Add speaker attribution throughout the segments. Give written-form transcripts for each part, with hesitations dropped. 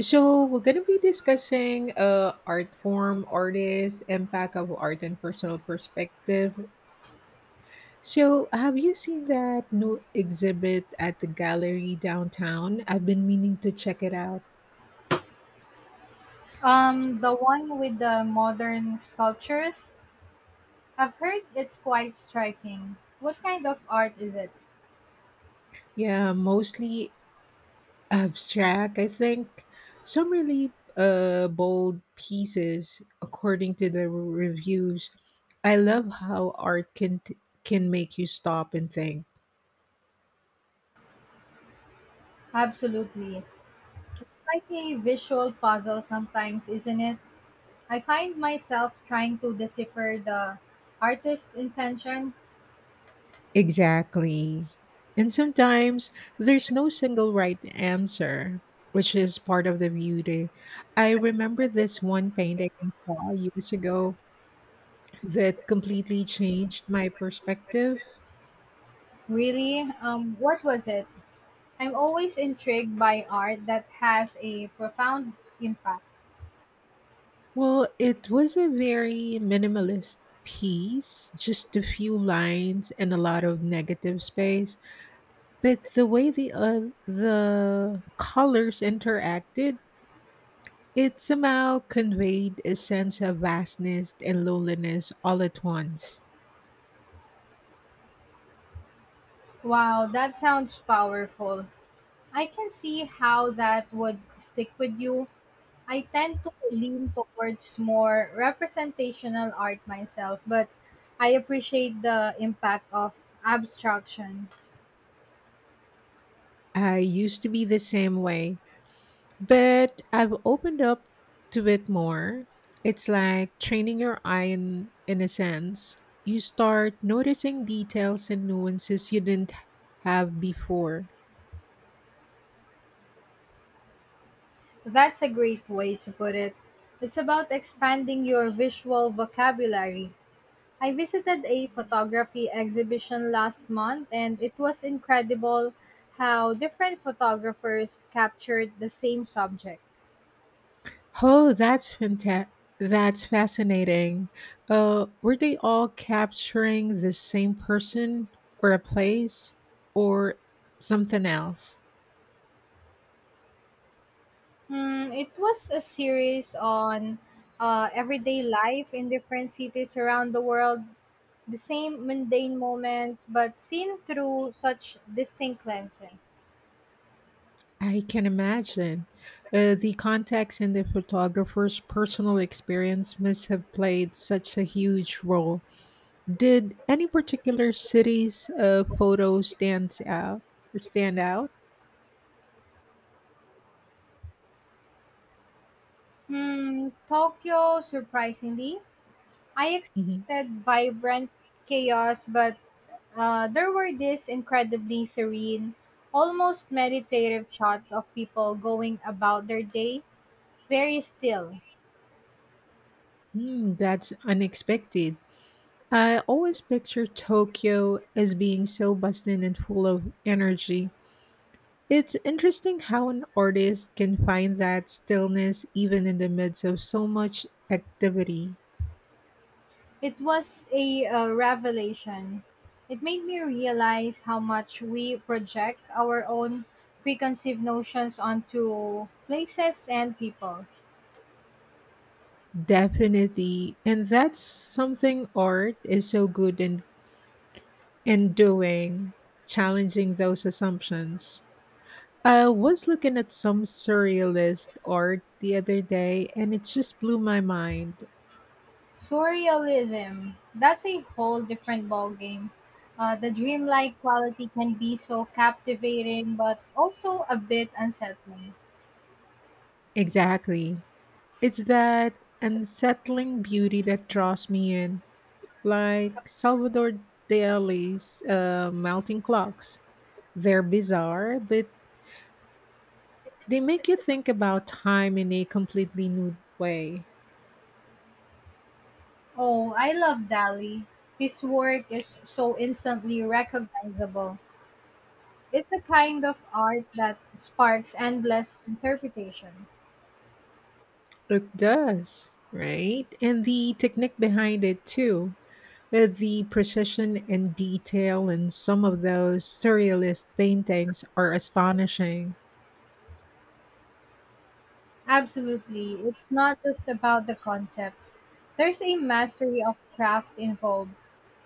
Speaker 1: So we're gonna be discussing art form, artist, impact of art, and personal perspective. So have you seen that new exhibit at the gallery downtown? I've been meaning to check it out.
Speaker 2: The one with the modern sculptures? I've heard it's quite striking. What kind of art is it?
Speaker 1: Yeah, mostly abstract, I think. Some really bold pieces, according to the reviews. I love how art can make you stop and think.
Speaker 2: Absolutely. Like a visual puzzle sometimes, isn't it? I find myself trying to decipher the artist's intention.
Speaker 1: Exactly. And sometimes there's no single right answer, which is part of the beauty. I remember this one painting I saw years ago that completely changed my perspective.
Speaker 2: Really? What was it? I'm always intrigued by art that has a profound impact.
Speaker 1: Well, it was a very minimalist piece, just a few lines and a lot of negative space. But the way the colors interacted, it somehow conveyed a sense of vastness and loneliness all at once.
Speaker 2: Wow, that sounds powerful. I can see how that would stick with you. I tend to lean towards more representational art myself, but I appreciate the impact of abstraction.
Speaker 1: I used to be the same way, but I've opened up to it more. It's like training your eye in a sense. You start noticing details and nuances you didn't have before.
Speaker 2: That's a great way to put it. It's about expanding your visual vocabulary. I visited a photography exhibition last month, and it was incredible how different photographers captured the same subject.
Speaker 1: Oh, that's fantastic. That's fascinating. Were they all capturing the same person or a place or something else?
Speaker 2: Hmm, it was a series on everyday life in different cities around the world, the same mundane moments, but seen through such distinct lenses.
Speaker 1: I can imagine. The context and the photographer's personal experience must have played such a huge role. Did any particular city's photo stands out or stand out?
Speaker 2: Hmm, Tokyo, surprisingly, I
Speaker 1: Mhm.
Speaker 2: expected vibrant chaos, but there were these incredibly serene, almost meditative shots of people going about their day, very still.
Speaker 1: Hmm, that's unexpected. I always picture Tokyo as being so bustling and full of energy. It's interesting how an artist can find that stillness even in the midst of so much activity.
Speaker 2: It was a revelation. It made me realize how much we project our own preconceived notions onto places and people.
Speaker 1: Definitely. And that's something art is so good in doing, challenging those assumptions. I was looking at some surrealist art the other day and it just blew my mind.
Speaker 2: Surrealism, that's a whole different ballgame. The dreamlike quality can be so captivating but also a bit unsettling.
Speaker 1: Exactly. It's that unsettling beauty that draws me in, like Salvador Dali's melting clocks. They're bizarre, but they make you think about time in a completely new way.
Speaker 2: Oh, I love Dali. His work is so instantly recognizable. It's a kind of art that sparks endless interpretation.
Speaker 1: It does, right? And the technique behind it too. There's the precision and detail in some of those surrealist paintings are astonishing.
Speaker 2: Absolutely. It's not just about the concept. There's a mastery of craft involved.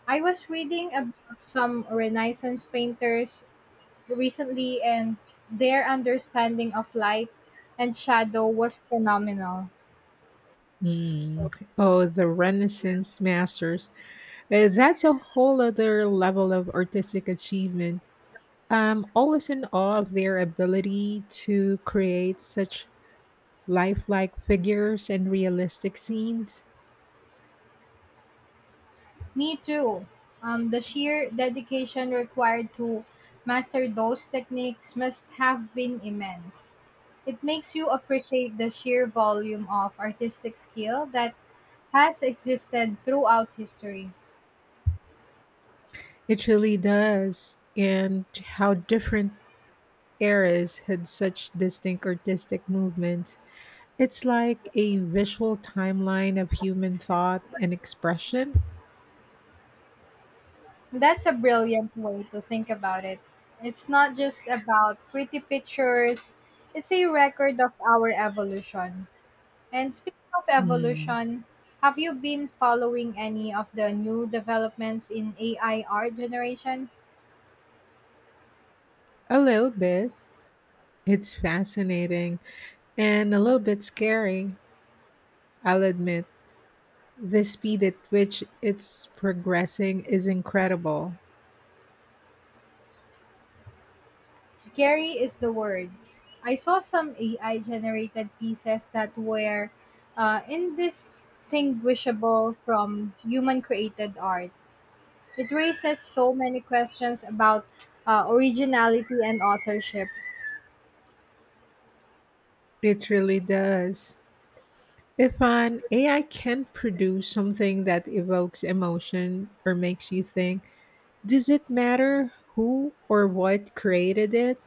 Speaker 2: I was reading about some Renaissance painters recently and their understanding of light and shadow was phenomenal.
Speaker 1: Mm. Oh, the Renaissance masters. That's a whole other level of artistic achievement. I'm always in awe of their ability to create such lifelike figures and realistic scenes.
Speaker 2: Me too. The sheer dedication required to master those techniques must have been immense. It makes you appreciate the sheer volume of artistic skill that has existed throughout history.
Speaker 1: It really does. And how different eras had such distinct artistic movements. It's like a visual timeline of human thought and expression.
Speaker 2: That's a brilliant way to think about it. It's not just about pretty pictures, it's a record of our evolution. And speaking of
Speaker 1: Hmm.
Speaker 2: evolution, have you been following any of the new developments in AI art generation?
Speaker 1: A little bit. It's fascinating and a little bit scary, I'll admit. The speed at which it's progressing is incredible.
Speaker 2: Scary is the word. I saw some AI generated pieces that were indistinguishable from human created art. It raises so many questions about originality and authorship.
Speaker 1: It really does. If an AI can produce something that evokes emotion or makes you think, does it matter who or what created it?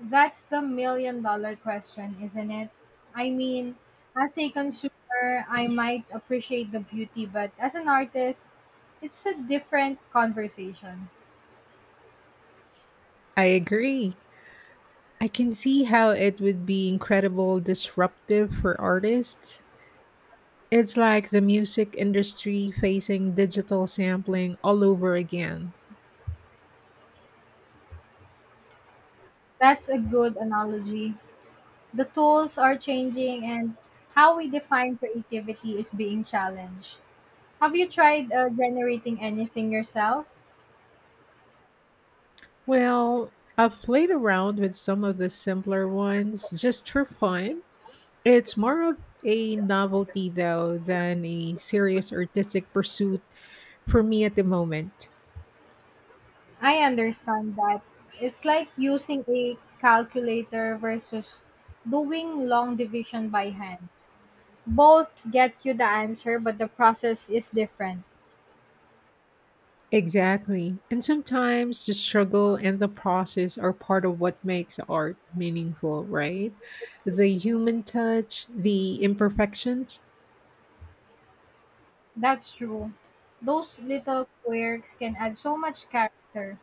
Speaker 2: That's the million dollar question, isn't it? I mean, as a consumer, I might appreciate the beauty, but as an artist, it's a different conversation.
Speaker 1: I agree. I can see how it would be incredible disruptive for artists. It's like the music industry facing digital sampling all over again.
Speaker 2: That's a good analogy. The tools are changing, and how we define creativity is being challenged. Have you tried generating anything yourself?
Speaker 1: Well, I've played around with some of the simpler ones just for fun. It's more of a novelty, though, than a serious artistic pursuit for me at the moment.
Speaker 2: I understand that. It's like using a calculator versus doing long division by hand. Both get you the answer, but the process is different.
Speaker 1: Exactly. And sometimes the struggle and the process are part of what makes art meaningful, right? The human touch, the imperfections.
Speaker 2: That's true. Those little quirks can add so much character.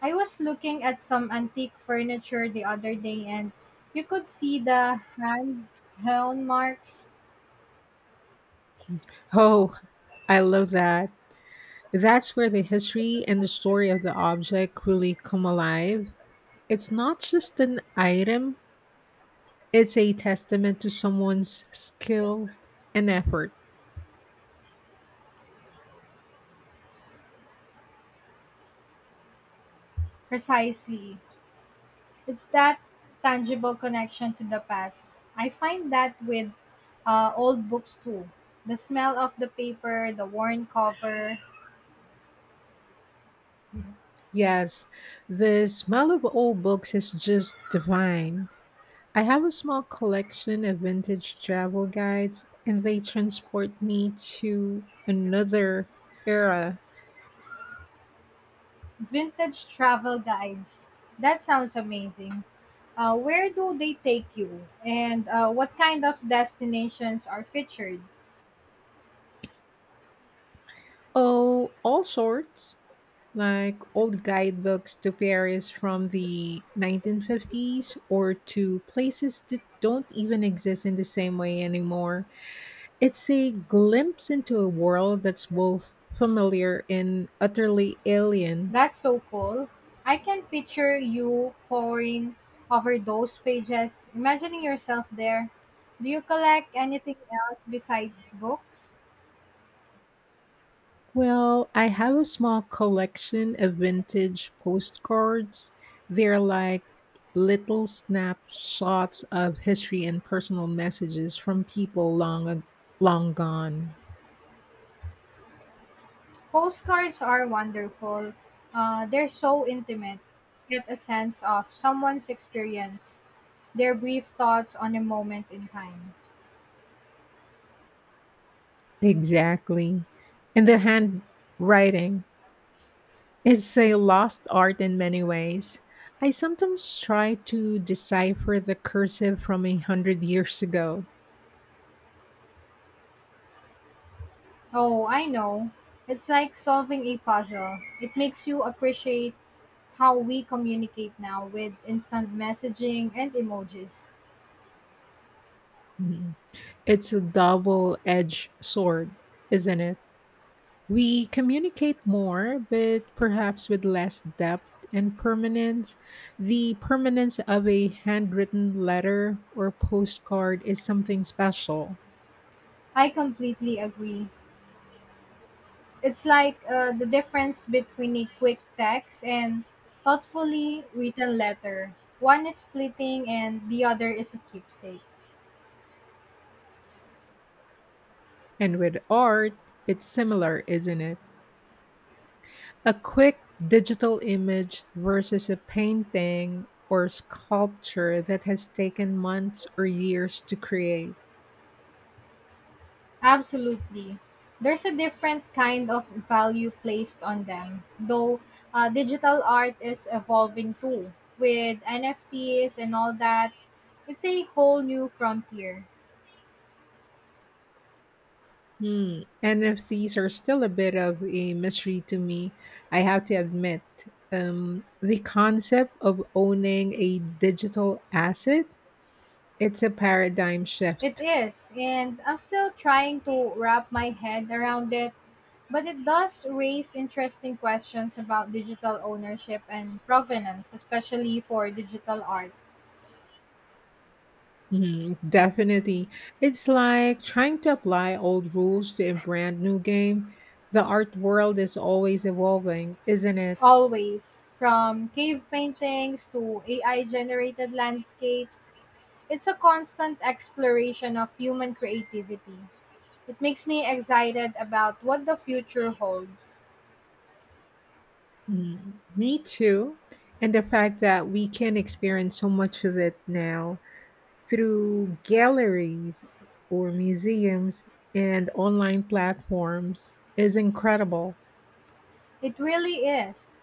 Speaker 2: I was looking at some antique furniture the other day and you could see the hand hewn marks
Speaker 1: Oh, I love that. That's where the history and the story of the object really come alive. It's not just an item, it's a testament to someone's skill and effort.
Speaker 2: precisely. It's that tangible connection to the past. I find that with old books too. The smell of the paper, the worn cover,
Speaker 1: Yes, the smell of old books is just divine. I have a small collection of vintage travel guides, and they transport me to another era.
Speaker 2: vintage travel guides. That sounds amazing. Where do they take you? And what kind of destinations are featured?
Speaker 1: Oh, all sorts, like old guidebooks to Paris from the 1950s or to places that don't even exist in the same way anymore. It's a glimpse into a world that's both familiar and utterly alien.
Speaker 2: That's so cool. I can picture you poring over those pages, imagining yourself there. Do you collect anything else besides books?
Speaker 1: Well, I have a small collection of vintage postcards. They're like little snapshots of history and personal messages from people long gone.
Speaker 2: Postcards are wonderful. They're so intimate. Get a sense of someone's experience, their brief thoughts on a moment in time.
Speaker 1: Exactly. And the handwriting. It's a lost art in many ways. I sometimes try to decipher the cursive from 100 years ago.
Speaker 2: Oh, I know. It's like solving a puzzle. It makes you appreciate how we communicate now with instant messaging and emojis.
Speaker 1: It's a double edged sword, isn't it? We communicate more, but perhaps with less depth and permanence. The permanence of a handwritten letter or postcard is something special.
Speaker 2: I completely agree. It's like the difference between a quick text and thoughtfully written letter. One is fleeting and the other is a keepsake.
Speaker 1: And with art, it's similar, isn't it? A quick digital image versus a painting or sculpture that has taken months or years to create.
Speaker 2: Absolutely. There's a different kind of value placed on them, though digital art is evolving too. With NFTs and all that, it's a whole new frontier.
Speaker 1: Hmm. NFTs are still a bit of a mystery to me, I have to admit. The concept of owning a digital asset, it's a paradigm
Speaker 2: It
Speaker 1: shift.
Speaker 2: is, and I'm still trying to wrap my head around it, but it does raise interesting questions about digital ownership and provenance, especially for digital art.
Speaker 1: Hmm, definitely. It's like trying to apply old rules to a brand new game. The art world is always evolving, isn't it?
Speaker 2: Always, from cave paintings to AI generated landscapes, it's a constant exploration of human creativity. It makes me excited about what the future holds.
Speaker 1: Mm, me too. And the fact that we can experience so much of it now through galleries or museums and online platforms is incredible.
Speaker 2: It really is.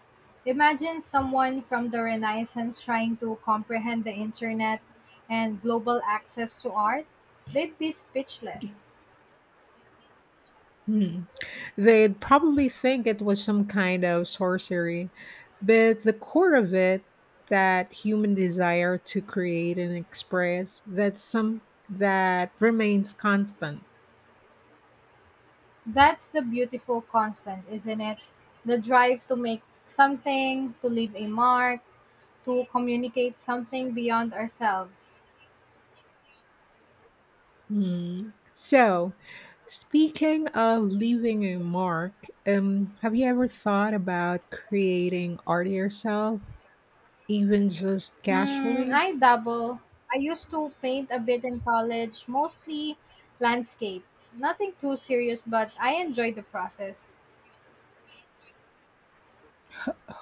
Speaker 2: Imagine someone from the Renaissance trying to comprehend the internet and global access to art. They'd be speechless.
Speaker 1: Hmm. They'd probably think it was some kind of sorcery, but the core of it, that human desire to create and express, that's some that remains constant.
Speaker 2: That's the beautiful constant, isn't it? The drive to make something, to leave a mark to communicate something beyond ourselves.
Speaker 1: Hmm. So, speaking of leaving a mark, have you ever thought about creating art yourself, even just
Speaker 2: Hmm,
Speaker 1: casually?
Speaker 2: I dabble. I used to paint a bit in college, mostly landscapes. Nothing too serious, but I enjoy the process.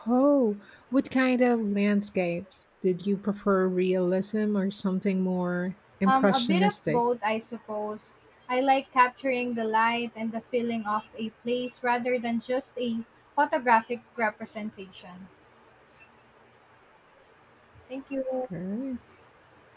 Speaker 1: Oh, what kind of landscapes? Did you prefer realism or something more
Speaker 2: A bit of
Speaker 1: impressionistic?
Speaker 2: both, I suppose. I like capturing the light and the feeling of a place rather than just a photographic representation. Thank you.
Speaker 1: All right.